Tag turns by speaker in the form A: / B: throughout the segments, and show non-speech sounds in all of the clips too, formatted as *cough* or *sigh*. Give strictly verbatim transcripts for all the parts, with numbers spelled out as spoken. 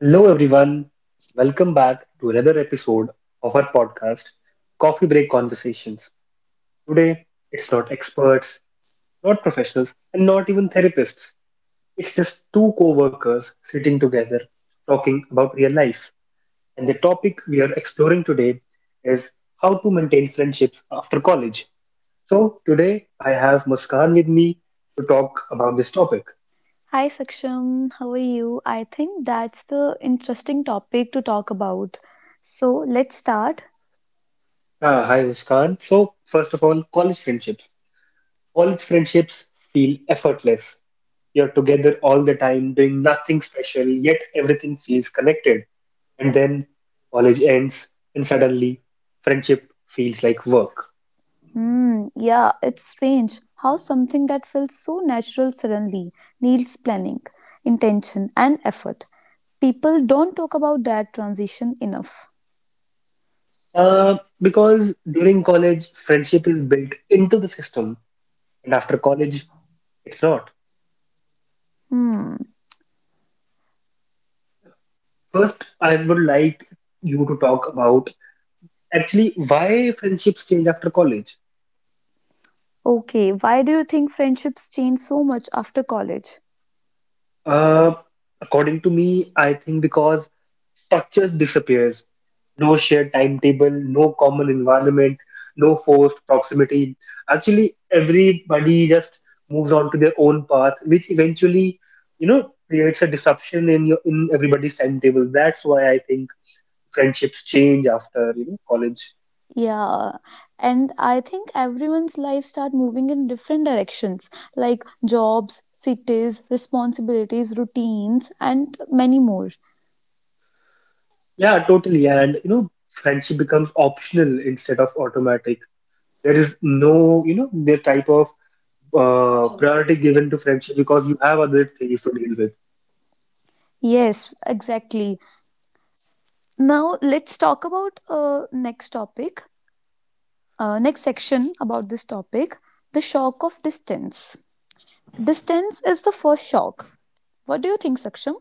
A: Hello everyone, welcome back to another episode of our podcast, Coffee Break Conversations. Today, it's not experts, not professionals, and not even therapists. It's just two co workers sitting together talking about real life. And the topic we are exploring today is how to maintain friendships after college. So, today I have Muskan with me to talk about this topic.
B: Hi Saksham, how are you? I think that's the interesting topic to talk about. So let's start.
A: Ah, hi Muskan. So, first of all, college friendships. College friendships feel effortless. You're together all the time, doing nothing special, yet everything feels connected. And then college ends, and suddenly friendship feels like work.
B: Hmm, yeah, it's strange how something that felt so natural suddenly needs planning, intention, and effort. People don't talk about that transition enough.
A: Uh, because during college, friendship is built into the system, and after college, it's not.
B: Hmm.
A: First, I would like you to talk about actually why friendships change after college.
B: Okay, why do you think friendships change so much after college?
A: Uh, According to me, I think because structure disappears. No shared timetable, no common environment, no forced proximity. Actually, everybody just moves on to their own path, which eventually, you know, creates a disruption in your in everybody's timetable. That's why I think friendships change after, you know, college.
B: Yeah, and I think everyone's life start moving in different directions like jobs, cities, responsibilities, routines, and many more.
A: Yeah, totally. And you know, friendship becomes optional instead of automatic. There is no, you know, the type of uh, priority given to friendship because you have other things to deal with.
B: Yes, exactly. Now let's talk about uh, next topic, uh, next section about this topic, the shock of distance. Distance is the first shock. What do you think, Saksham?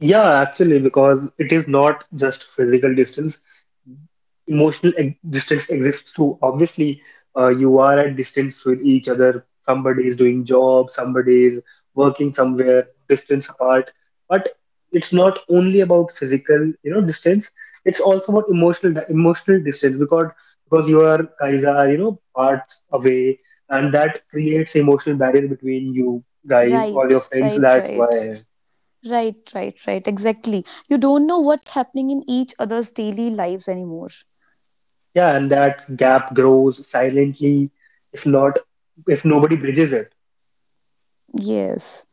A: Yeah, actually, because it is not just physical distance. Emotional ex- distance exists too. Obviously, uh, you are at distance with each other. Somebody is doing job, somebody is working somewhere, distance apart. But it's not only about physical, you know, distance. It's also about emotional emotional distance because because you are guys are, you know, parts away, and that creates emotional barrier between you guys or your
B: Right,
A: friends.
B: right,
A: That's
B: right.
A: why.
B: Right, right, right. Exactly. You don't know what's happening in each other's daily lives anymore.
A: Yeah, and that gap grows silently if not if nobody bridges it.
B: Yes.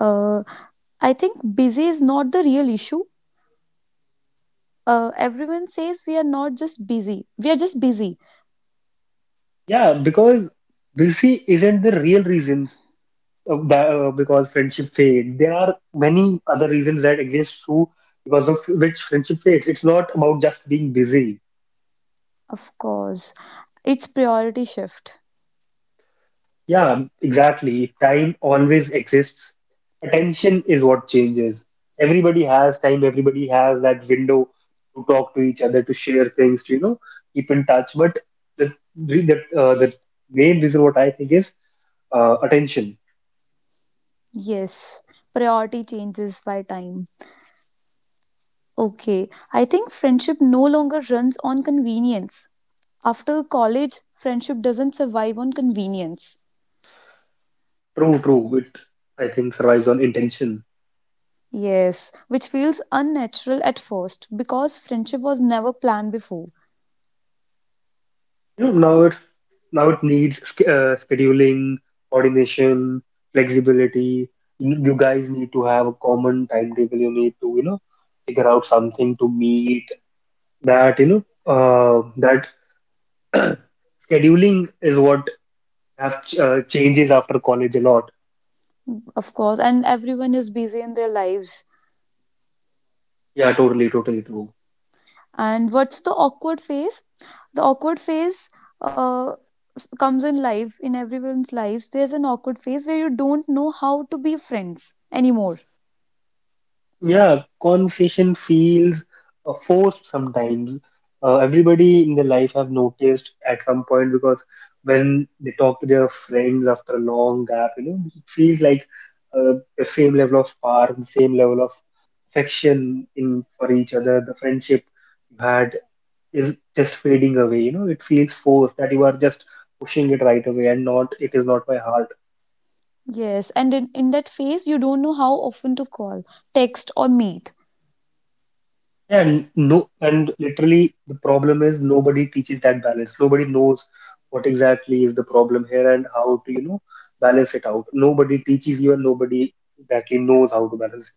B: Uh, I think busy is not the real issue. Uh, everyone says we are not just busy. We are just busy.
A: Yeah, because busy isn't the real reasons of that, uh, because friendship fade. There are many other reasons that exist too because of which friendship fades. It's not about just being busy.
B: Of course. It's priority shift.
A: Yeah, exactly. Time always exists. Attention is what changes. Everybody has time, everybody has that window to talk to each other, to share things, to, you know, keep in touch. But the re- the, uh, the main reason what I think is uh, attention.
B: Yes. Priority changes by time. Okay. I think friendship no longer runs on convenience. After college, friendship doesn't survive on convenience.
A: True, true. It, I think, survives on intention.
B: Yes, which feels unnatural at first because friendship was never planned before,
A: You know, now it's Now it needs sch- uh, scheduling, coordination, flexibility. You you guys need to have a common timetable. You need to, you know, figure out something to meet. That, you know, uh, that *clears throat* scheduling is what have ch- uh, changes after college a lot.
B: of course, and everyone is busy in their lives.
A: Yeah, totally, totally true.
B: And what's the awkward phase? The awkward phase uh, comes in life, in everyone's lives. There's an awkward phase where you don't know how to be friends anymore.
A: Yeah, conversation feels uh, forced sometimes. Uh, everybody in their life have noticed at some point because when they talk to their friends after a long gap, you know, it feels like uh, the same level of power, the same level of affection in for each other. The friendship you had is just fading away. You know, it feels forced that you are just pushing it right away and not, it is not my heart.
B: Yes, and in, in that phase, you don't know how often to call, text, or meet.
A: Yeah, and no, and literally the problem is nobody teaches that balance. Nobody knows what exactly is the problem here and how to, you know, balance it out. Nobody teaches you and nobody exactly knows how to balance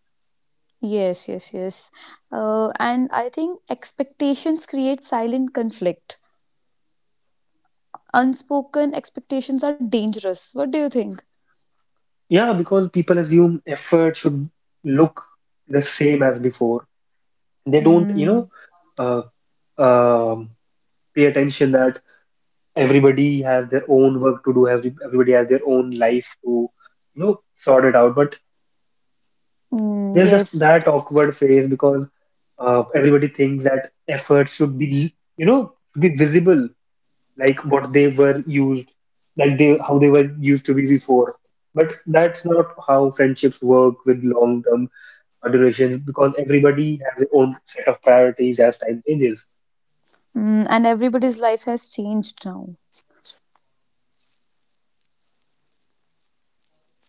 B: Yes, yes, yes. Uh, and I think expectations create silent conflict. Unspoken expectations are dangerous. What do you think?
A: it. Yeah, because people assume effort should look the same as before. They don't, you know,
B: Mm,
A: uh, um pay attention that everybody has their own work to do. Every, everybody has their own life to, you know, sort it out. But
B: mm,
A: there's just
B: yes.
A: that awkward phase because uh, everybody thinks that effort should be, you know, should be visible like what they were used, like they how they were used to be before. But that's not how friendships work with long term durations, because everybody has their own set of priorities as time changes.
B: Mm, and everybody's life has changed now.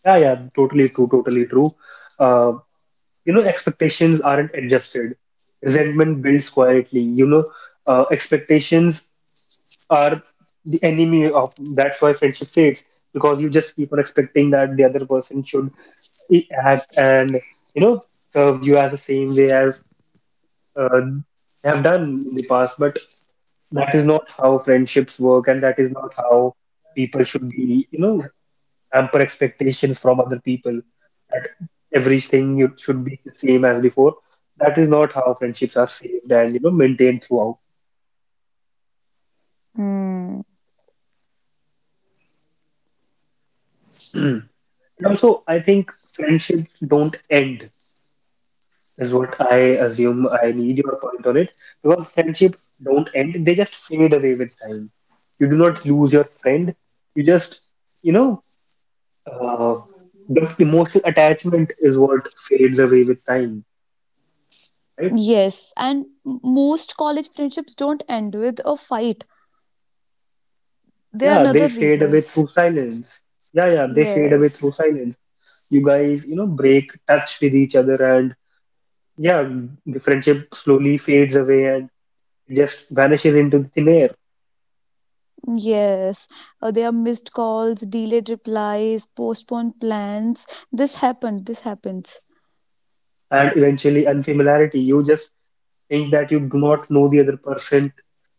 A: Yeah, yeah, totally true, totally true. uh, you know, expectations aren't adjusted, resentment builds quietly. You know, uh, expectations are the enemy of, that's why friendship fades, because you just keep on expecting that the other person should i- act and, you know, serve you as the same way as uh, they have done in the past. But that is not how friendships work, and that is not how people should be, you know, hamper expectations from other people that everything you should be the same as before. That is not how friendships are saved and, you know, maintained throughout.
B: Hmm.
A: *clears throat* And also I think friendships don't end, is what I assume. I need your point on it, because friendships don't end, they just fade away with time. You do not lose your friend, you just, you know, uh, the emotional attachment is what fades away with time, right?
B: Yes, and m- most college friendships don't end with a fight. There are
A: Yeah, they
B: another
A: fade away
B: reasons.
A: through silence. Yeah, yeah, they fade away through
B: Yes.
A: silence. You guys, you know, break touch with each other, and yeah, the friendship slowly fades away and just vanishes into the thin air,
B: Yes. Uh, there are missed calls, delayed replies, postponed plans. This happened. This happens.
A: and eventually unfamiliarity. You just think that you do not know the other person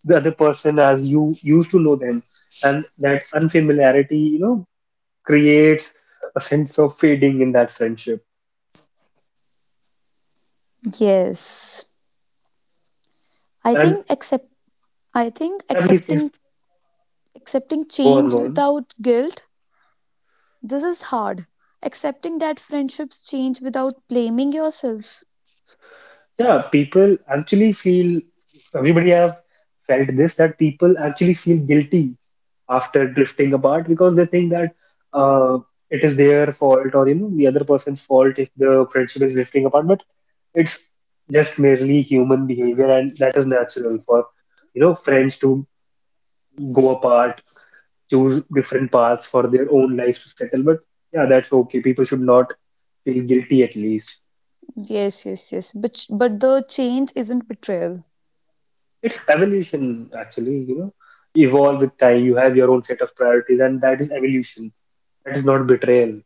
A: the other person as you used to know them, and that unfamiliarity, you know, creates a sense of fading in that friendship.
B: Yes. I
A: And
B: think accept I think
A: family please,
B: accepting accepting
A: go on,
B: change
A: go on.
B: without guilt this is hard. Accepting that friendships change without blaming yourself.
A: Yeah, people actually feel, everybody has felt this, that people actually feel guilty after drifting apart because they think that uh, it is their fault or, you know, the other person's fault if the friendship is drifting apart. But it's just merely human behavior, and that is natural for, you know, friends to go apart, choose different paths for their own lives to settle. But yeah, that's okay. People should not feel guilty at least.
B: Yes, yes, yes. But but the change isn't betrayal.
A: It's evolution, actually, you know, evolve with time. You have your own set of priorities, and that is evolution. That is not betrayal.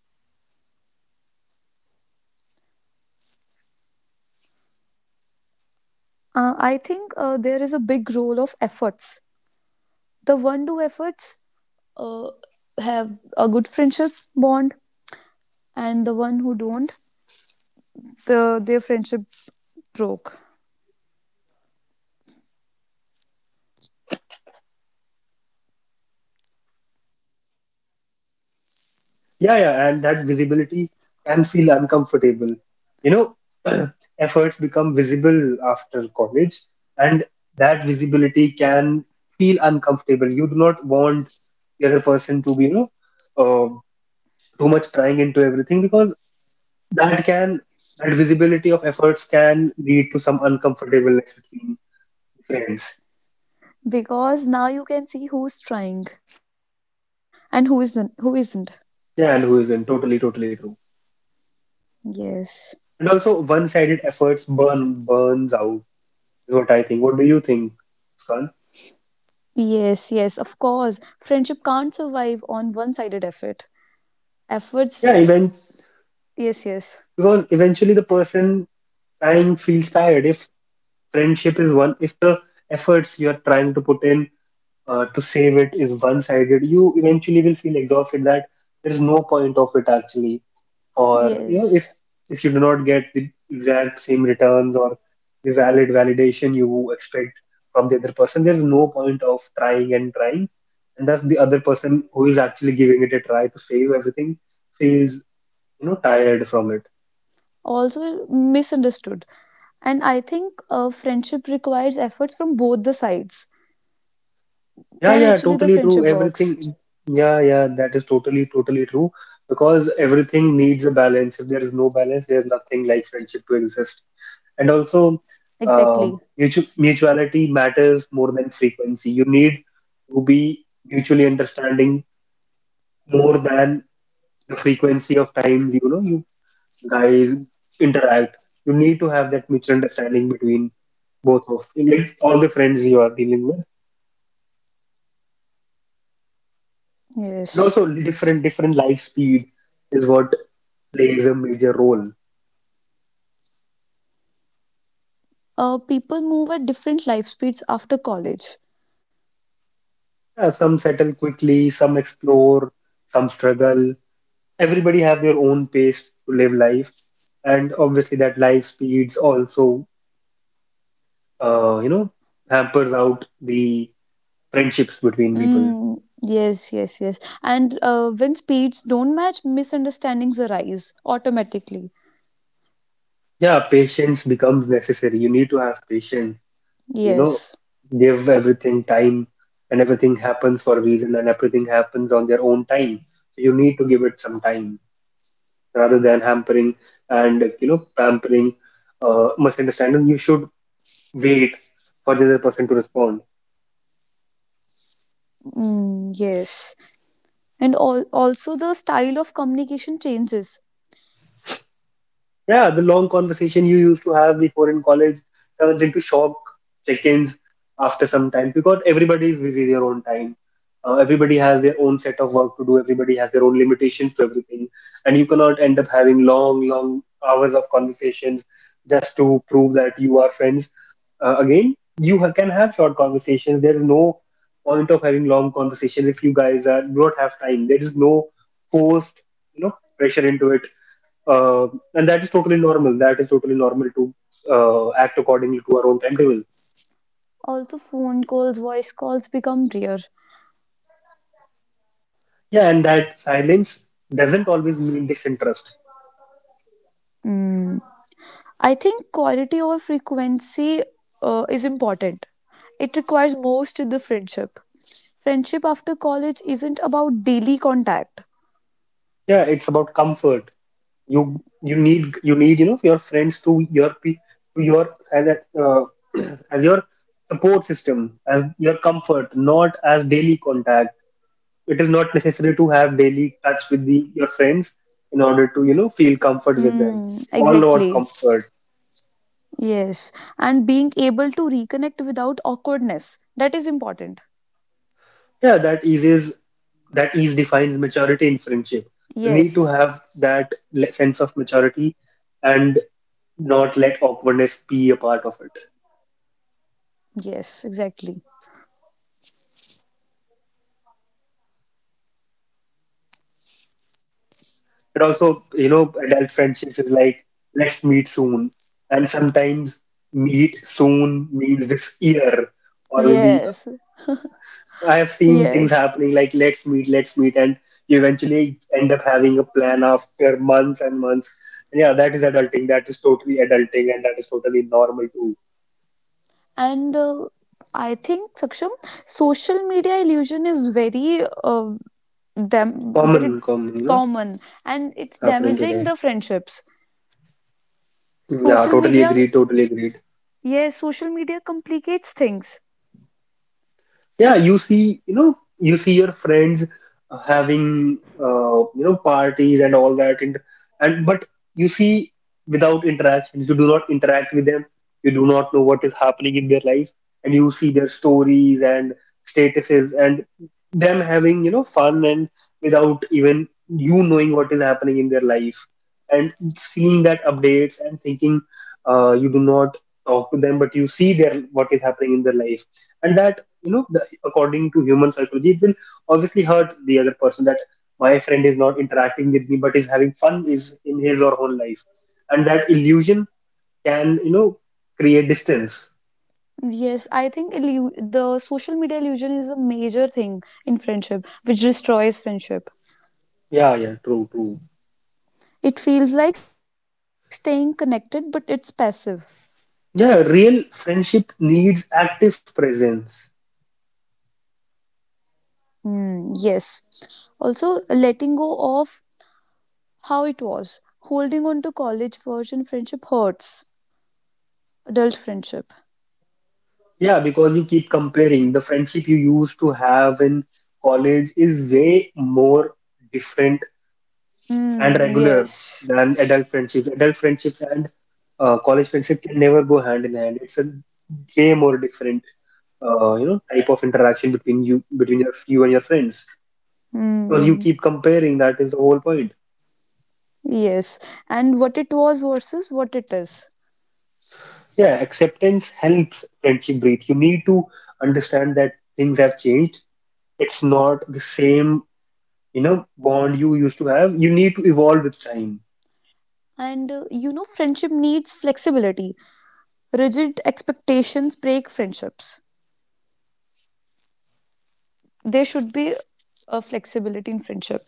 B: Uh, I think uh, there is a big role of efforts. The one do efforts uh, have a good friendship bond, and the one who don't, the their friendship broke.
A: Yeah, yeah, and that visibility can feel uncomfortable. You know, *clears throat* efforts become visible after college, and that visibility can feel uncomfortable. You do not want the other person to be, you know, uh, too much trying into everything, because that can, that visibility of efforts can lead to some uncomfortableness between friends.
B: Because now you can see who's trying and who isn't who isn't
A: Yeah, and who isn't? Totally, totally true.
B: Yes,
A: And also, one-sided efforts burn burns out, is what I think. What do you think, Fun?
B: yes, yes, of course friendship can't survive on one sided effort
A: Yeah,
B: efforts
A: even
B: Yes, yes,
A: because eventually the person trying feels tired. If friendship is one, If the efforts you're trying to put in uh, to save it is one-sided, you eventually will feel exhausted that there is no point of it actually. Or you know, if
B: yes,
A: if you do not get the exact same returns or the valid validation you expect from the other person, there's no point of trying and trying, and thus the other person who is actually giving it a try to save everything feels, you know, tired from it.
B: also misunderstood. And I think uh, friendship requires efforts from both the sides,
A: Yeah,
B: then
A: yeah,
B: actually the
A: totally true
B: friendship
A: everything.
B: works.
A: Yeah, yeah, that is totally totally true, because everything needs a balance. If there is no balance, there's nothing like friendship to exist. And also, uh,
B: Exactly,
A: mutu- mutuality matters more than frequency. You need to be mutually understanding more than the frequency of times, you know, you guys interact. You need to have that mutual understanding between both of, like, all the friends you are dealing with. And
B: yes.
A: also different different life speed is what plays a major role.
B: Uh, people move at different life speeds after college.
A: Yeah, some settle quickly, some explore, some struggle. Everybody have their own pace to live life, and obviously that life speeds also, uh, you know, hampers out the friendships between people.
B: Mm, yes, yes, yes. And uh, when speeds don't match, misunderstandings arise automatically.
A: Yeah, patience becomes necessary. You need to have patience, you know,
B: Yes.
A: give everything time, and everything happens for a reason, and everything happens on their own time. So you need to give it some time rather than hampering and, you know, pampering uh, misunderstanding. You should wait for the other person to respond.
B: Mm, yes. And all, also, the style of communication changes.
A: Yeah, the long conversation you used to have before in college turns into shock check-ins after some time, because everybody is busy their own time. Uh, everybody has their own set of work to do. Everybody has their own limitations to everything, and you cannot end up having long, long hours of conversations just to prove that you are friends. Uh, again, you ha- can have short conversations. There is no point of having long conversations if you guys are, do not have time. There is no forced, you know, pressure into it. uh, and that is totally normal. That is totally normal to uh, act accordingly to our own timetable.
B: Also, phone calls, voice calls become rare.
A: Yeah, and that silence doesn't always mean disinterest.
B: Mm. I think quality over frequency uh, is important. It requires most in the friendship. Friendship after college isn't about daily contact.
A: Yeah, it's about comfort. You you need you need you know, your friends to your pe- to your as a, uh, *clears throat* as your support system, as your comfort, not as daily contact. It is not necessary to have daily touch with the your friends in order to, you know, feel comfort with them.
B: Mm,
A: All about
B: exactly.
A: comfort.
B: Yes, and being able to reconnect without awkwardness. That is important.
A: Yeah, that eases that ease defines maturity in friendship. You need to
B: Yes,
A: have that le- sense of maturity and not let awkwardness be a part of it.
B: yes, exactly.
A: And also, you know, adult friendships is like, let's meet soon. And sometimes meet soon means this year. Or maybe
B: Yes,
A: I have seen things
B: yes.
A: happening like, let's meet, let's meet. And you eventually end up having a plan after months and months. And yeah, that is adulting. That is totally adulting. And that is totally normal too.
B: And uh, I think, Saksham, social media illusion is very, uh, dam-
A: common
B: very
A: common you know,
B: common, and it's
A: happening
B: damaging
A: today.
B: the friendships.
A: Yeah,
B: Social
A: totally
B: media,
A: agree, totally agree.
B: yes, social media complicates things.
A: Yeah, you see, you know, you see your friends uh, having, uh, you know, parties and all that. And and but you see, without interactions, you do not interact with them. You do not know what is happening in their life, and you see their stories and statuses and them having, you know, fun, and without even you knowing what is happening in their life, and seeing that updates and thinking, uh, you do not talk to them, but you see their, what is happening in their life. And that, you know, the, according to human psychology, it will obviously hurt the other person that my friend is not interacting with me but is having fun, is in his or her own life. And that illusion can, you know, create distance.
B: Yes, I think illu- the social media illusion is a major thing in friendship, which destroys friendship.
A: Yeah, yeah, true, true.
B: It feels like staying connected, but it's passive.
A: Yeah, real friendship needs active presence.
B: Hmm, yes. Also, letting go of how it was. Holding on to college version friendship hurts. Adult friendship.
A: Yeah, because you keep comparing the friendship you used to have in college is way more different and
B: Hmm,
A: regular
B: yes.
A: than adult friendships. Adult friendships and uh, college friendship can never go hand in hand. It's a way more different, uh, you know, type of interaction between you, between your, you and your friends, because you
B: Hmm,
A: keep comparing. That is the whole point.
B: yes. And what it was versus what it is.
A: Yeah, acceptance helps friendship breathe. You need to understand that things have changed. It's not the same, you know, bond you used to have. You need to evolve with time.
B: And uh, you know, friendship needs flexibility. Rigid expectations break friendships. There should be a flexibility in friendship.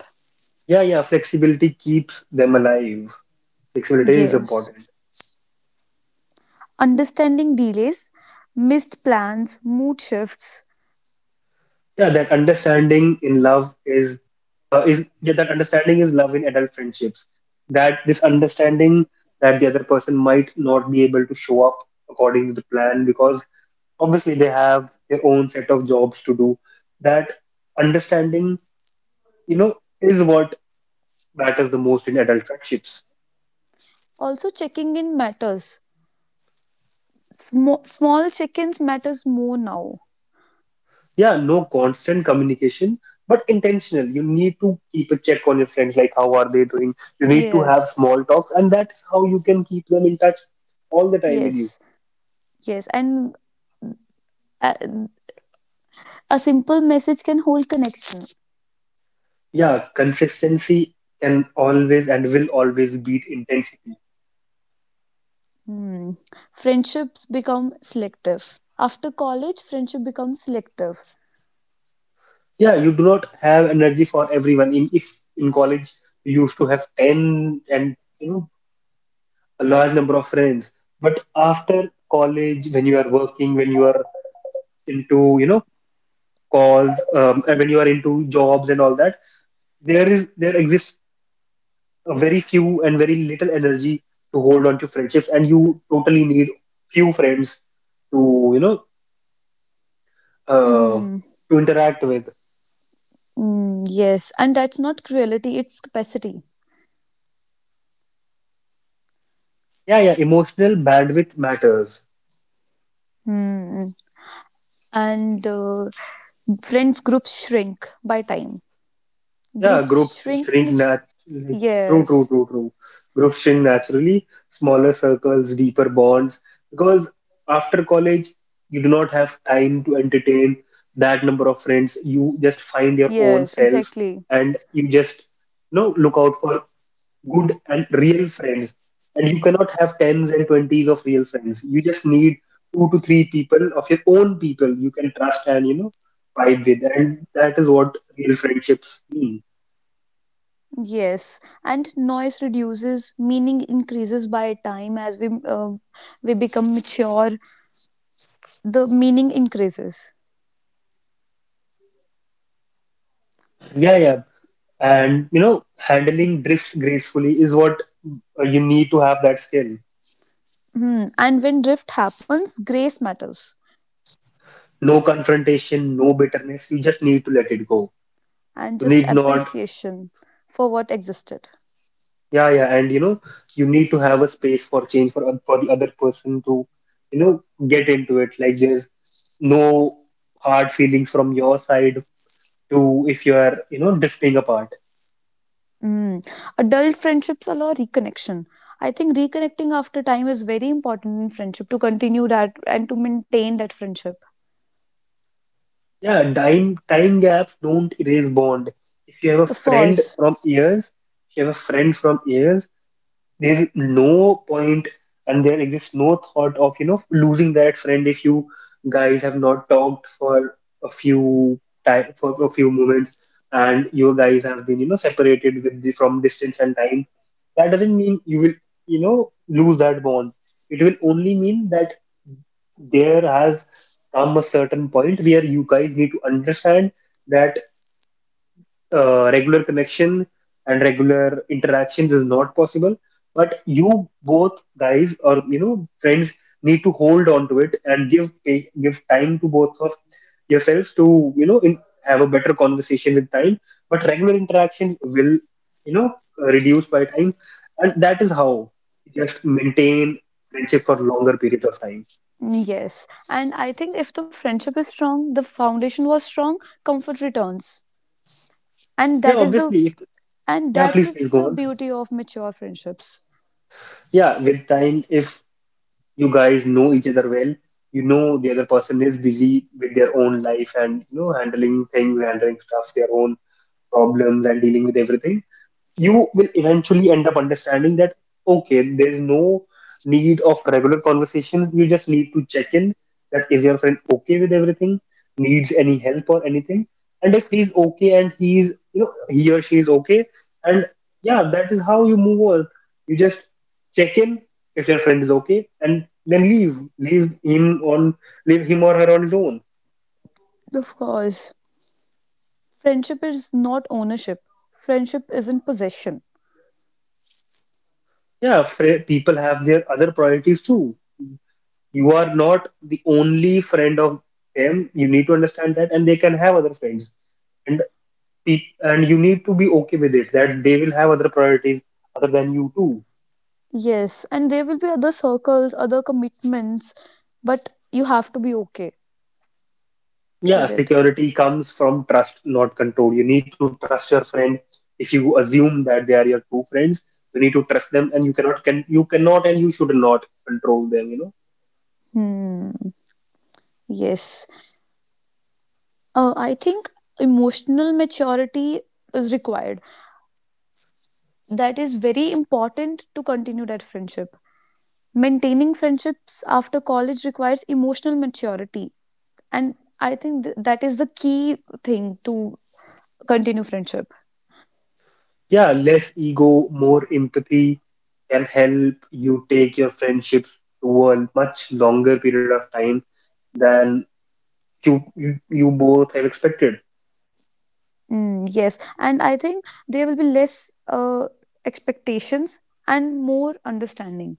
A: Yeah, yeah, flexibility keeps them alive. Flexibility is
B: Yes.
A: important.
B: Understanding delays, missed plans, mood shifts,
A: Yeah, that understanding in love is uh, is yeah, that understanding is love in adult friendships. That this understanding that the other person might not be able to show up according to the plan, because obviously they have their own set of jobs to do. That understanding, you know, is what matters the most in adult friendships.
B: also checking in matters. Small, small check-ins matters more now.
A: Yeah, no constant communication, but intentional. You need to keep a check on your friends, like, how are they doing? You need to have
B: Yes.
A: small talks, and that's how you can keep them in touch all the time with
B: Yes,
A: you.
B: yes, and a, a simple message can hold connection.
A: Yeah, consistency can always and will always beat intensity.
B: Hmm. Friendships become selective. After college, friendship becomes selective.
A: Yeah, you do not have energy for everyone. In if in college you used to have ten and, you know, a large number of friends, but after college, when you are working, when you are into, you know, cause um, and when you are into jobs and all that, there is there exists a very few and very little energy to hold on to friendships, and you totally need few friends to, you know, uh,
B: Hmm.
A: to interact with.
B: Mm, yes, and that's not cruelty; it's capacity.
A: Yeah, yeah, emotional bandwidth matters.
B: Hmm. And uh, friends groups shrink by time.
A: Yeah, groups
B: Groups
A: shrink
B: shrinking.
A: nat- true, true,
B: Yes,
A: true, true. Groups shrink naturally, smaller circles, deeper bonds. Because after college, you do not have time to entertain that number of friends. You just find your own
B: yes,
A: self,
B: exactly.
A: and you just, you know, look out for good and real friends. And you cannot have tens and twenties of real friends. You just need two to three people of your own, people you can trust and, you know, vibe with. And that is what real friendships mean.
B: Yes, and noise reduces, meaning increases by time as we uh, we become mature. The meaning increases,
A: Yeah, yeah. And you know, handling drifts gracefully is what uh, you need to have that skill.
B: hmm. And when drift happens, grace matters,
A: No confrontation, no bitterness. You just need to let it go.
B: and
A: You
B: just
A: need not,
B: appreciation for what existed.
A: yeah, yeah, and you know, you need to have a space for change for oth- for the other person to, you know, get into it. Like, there's no hard feelings from your side to if you are, you know, drifting apart.
B: Hmm. Adult friendships allow reconnection. I think reconnecting after time is very important in friendship to continue that and to maintain that friendship.
A: Yeah, time time gaps don't erase bond. If you have a
B: Of
A: friend
B: course.
A: from years, If you have a friend from years, there is no point, and there exists no thought of, you know, losing that friend if you guys have not talked for a few time for a few moments, and you guys have been, you know, separated with the, from distance and time, that doesn't mean you will, you know, lose that bond. It will only mean that there has come a certain point where you guys need to understand that uh, regular connection and regular interactions is not possible, but you both guys, or you know, friends, need to hold on to it and give pa- give time to both of yourselves to, you know, in, have a better conversation with time. But regular interactions will, you know, uh, reduce by time, and that is how you just maintain friendship for longer periods of time.
B: Yes. And I think if the friendship is strong, the foundation was strong, comfort returns. And
A: Yeah
B: that is the
A: obviously if,
B: and
A: Yeah,
B: that's
A: please, please
B: it's
A: go
B: the
A: on.
B: beauty of mature friendships.
A: Yeah, with time, if you guys know each other well, you know the other person is busy with their own life and, you know, handling things handling stuff, their own problems, and dealing with everything, you will eventually end up understanding that, okay, there's no need of regular conversations. You just need to check in, that is your friend okay with everything, needs any help or anything, and if he's okay and he's, you know, he or she is okay, and yeah, that is how you move on. You just check in if your friend is okay, and then leave leave him on, leave him or her on his own.
B: Of course. Friendship is not ownership. Friendship isn't possession.
A: Yeah, fr- people have their other priorities too. You are not the only friend of them. You need to understand that, and they can have other friends, and pe- and you need to be okay with it, that they will have other priorities other than you too.
B: Yes, and there will be other circles, other commitments, but you have to be okay
A: Yeah,
B: with it.
A: security comes from trust, not control. You need to trust your friend. If you assume that they are your true friends, you need to trust them, and you cannot can you cannot and you should not control them, you know.
B: Hmm. Yes. Uh, I think emotional maturity is required. That is very important to continue that friendship. Maintaining friendships after college requires emotional maturity, and I think th- that is the key thing to continue friendship.
A: Yeah, less ego, more empathy can help you take your friendships to a much longer period of time than you, you you both have expected.
B: Mm, yes, and I think there will be less uh, expectations and more understanding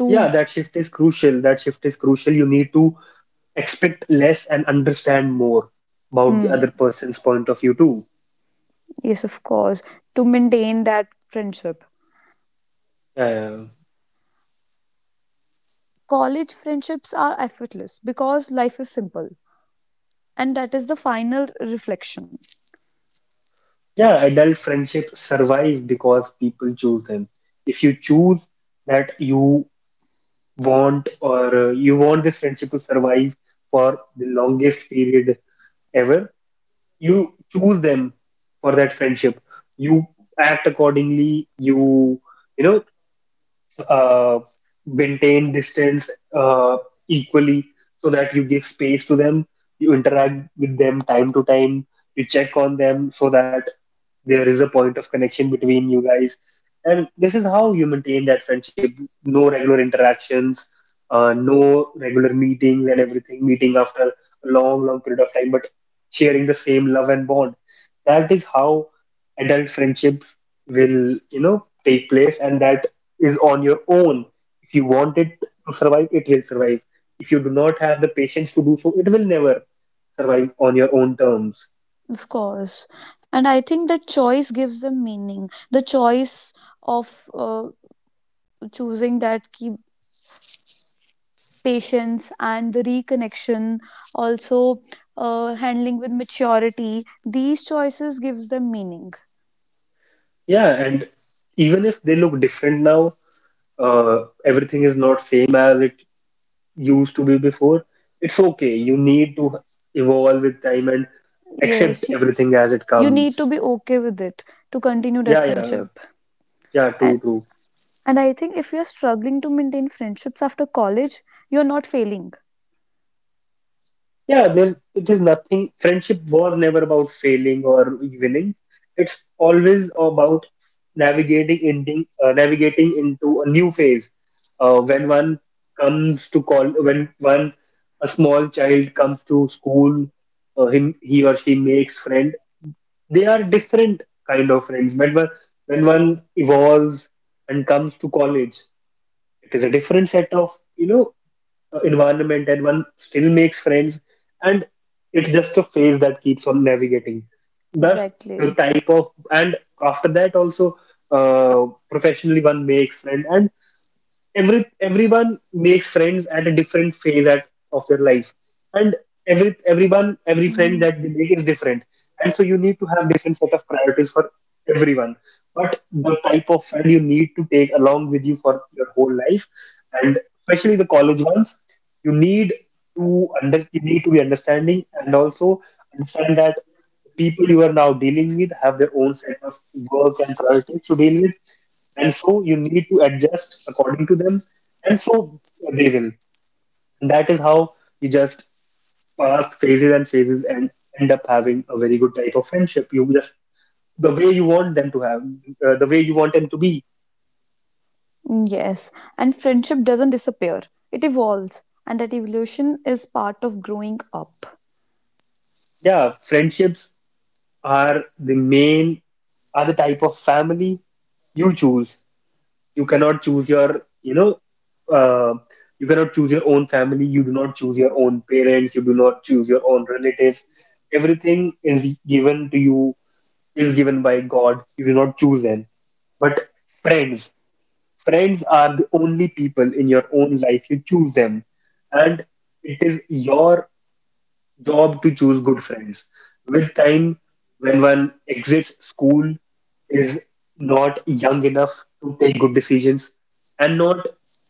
A: Yeah, that shift is crucial. That shift is crucial. You need to expect less and understand more about the
B: Hmm,
A: other person's point of view too.
B: yes, of course, to maintain that friendship.
A: Uh,
B: College friendships are effortless because life is simple, and that is the final reflection.
A: yeah, adult friendships survive because people choose them. If you choose that you want, or uh, you want this friendship to survive for the longest period ever, you choose them for that friendship. You act accordingly. You you know, uh, maintain distance uh, equally, so that you give space to them. You interact with them time to time. You check on them, so that there is a point of connection between you guys, and this is how you maintain that friendship. No regular interactions, uh, no regular meetings and everything, meeting after a long, long period of time, but sharing the same love and bond. That is how adult friendships will, you know, take place, and that is on your own. If you want it to survive, it will survive. If you do not have the patience to do so, it will never survive on your own terms.
B: Of course. And I think that choice gives them meaning. The choice of uh, choosing that keep patience and the reconnection also uh, handling with maturity these choices gives them meaning.
A: Yeah, and even if they look different now, uh, everything is not same as it used to be before. It's okay. You need to evolve with time and accept
B: Yes, you,
A: everything as it
B: you need to
A: comes.
B: be okay with it to continue that
A: Yeah, yeah,
B: friendship.
A: yeah.
B: and
A: True, true.
B: and I think if you're struggling to maintain friendships after college you're not failing,
A: Yeah, there it is nothing. Friendship was never about failing or winning. It's always about navigating ending, uh, navigating into a new phase. Uh, when one comes to call, when one a small child comes to school, uh, him he or she makes friend. They are different kind of friends. When one when one evolves and comes to college, it is a different set of, you know, uh, environment, and one still makes friends, and it's just a phase that keeps on navigating. Thus, the
B: exactly.
A: type of, and after that also, uh, professionally one makes friends, and every everyone makes friends at a different phase at, of their life, and every everyone, every friend that they make is different, and so you need to have different set of priorities for everyone. But the type of friend you need to take along with you for your whole life, and especially the college ones, you need to under you need to be understanding, and also understand that the people you are now dealing with have their own set of work and priorities to deal with, and so you need to adjust according to them, and so they will, and that is how you just pass phases and phases and end up having a very good type of friendship. You just the way you want them to have, uh, the way you want them to be.
B: Yes, and friendship doesn't disappear, it evolves, and that evolution is part of growing up.
A: Yeah, friendships are the main, are the type of family you choose. You cannot choose your, you know, uh, you cannot choose your own family. You do not choose your own parents. You do not choose your own relatives. Everything is given to you, is given by God. You do not choose them. But friends, friends are the only people in your own life you choose them, and it is your job to choose good friends. With time, when one exits school, is not young enough to take good decisions, and not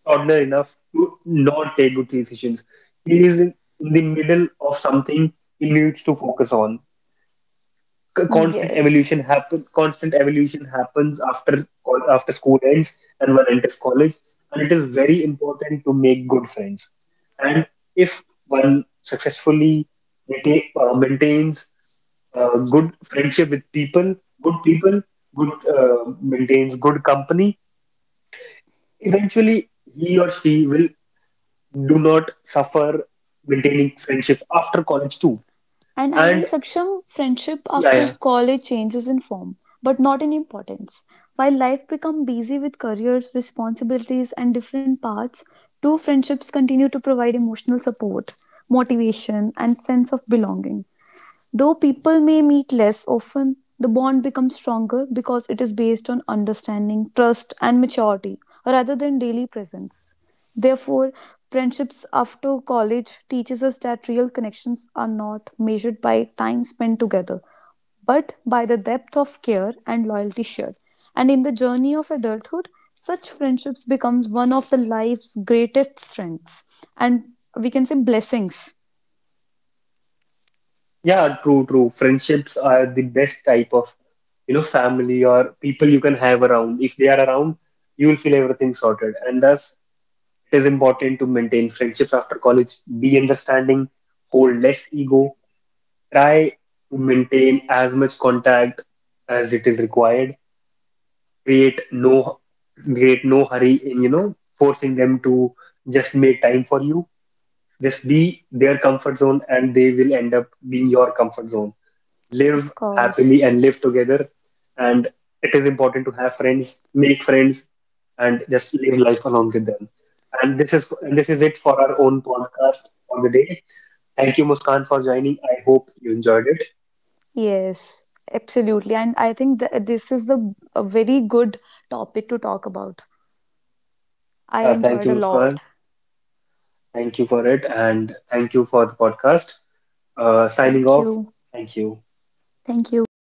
A: toddler enough to not take good decisions. He is in in the middle of something he needs to focus on. C- constant
B: Yes.
A: evolution happens, constant evolution happens after col- after school ends and one enters college, and it is very important to make good friends. And if one successfully maintain, uh, maintains uh, good friendship with people, good people, good, uh, maintains good company, eventually he or she will do not suffer maintaining friendship after college too.
B: And I
A: And
B: think Saksham, friendship
A: yeah, yeah.
B: after college changes in form, but not in importance. While life becomes busy with careers, responsibilities, and different paths, two friendships continue to provide emotional support, motivation, and sense of belonging. Though people may meet less often, the bond becomes stronger because it is based on understanding, trust, and maturity rather than daily presence. Therefore, friendships after college teaches us that real connections are not measured by time spent together, but by the depth of care and loyalty shared. And in the journey of adulthood, such friendships becomes one of the life's greatest strengths and we can say blessings,
A: Yeah, true, true. Friendships are the best type of, you know, family or people you can have around. If they are around, you will feel everything sorted. And thus, it is important to maintain friendships after college. Be understanding, hold less ego, try to maintain as much contact as it is required. Create no, create no hurry in, you know, forcing them to just make time for you. Just be their comfort zone, and they will end up being your comfort zone,
B: of
A: live
B: course.
A: happily and live together. And it is important to have friends, make friends, and just live life along with them. And this is and this is it for our own podcast for the day. Thank you, Muskan, for joining. I hope you enjoyed it.
B: Yes, absolutely. And I think th- this is a, a very good topic to talk about. I
A: Yeah, thank
B: enjoyed a
A: you,
B: lot.
A: Muskan. Thank you for it, and thank you for the podcast. Uh,
B: Thank
A: signing
B: you.
A: off. Thank you.
B: Thank you.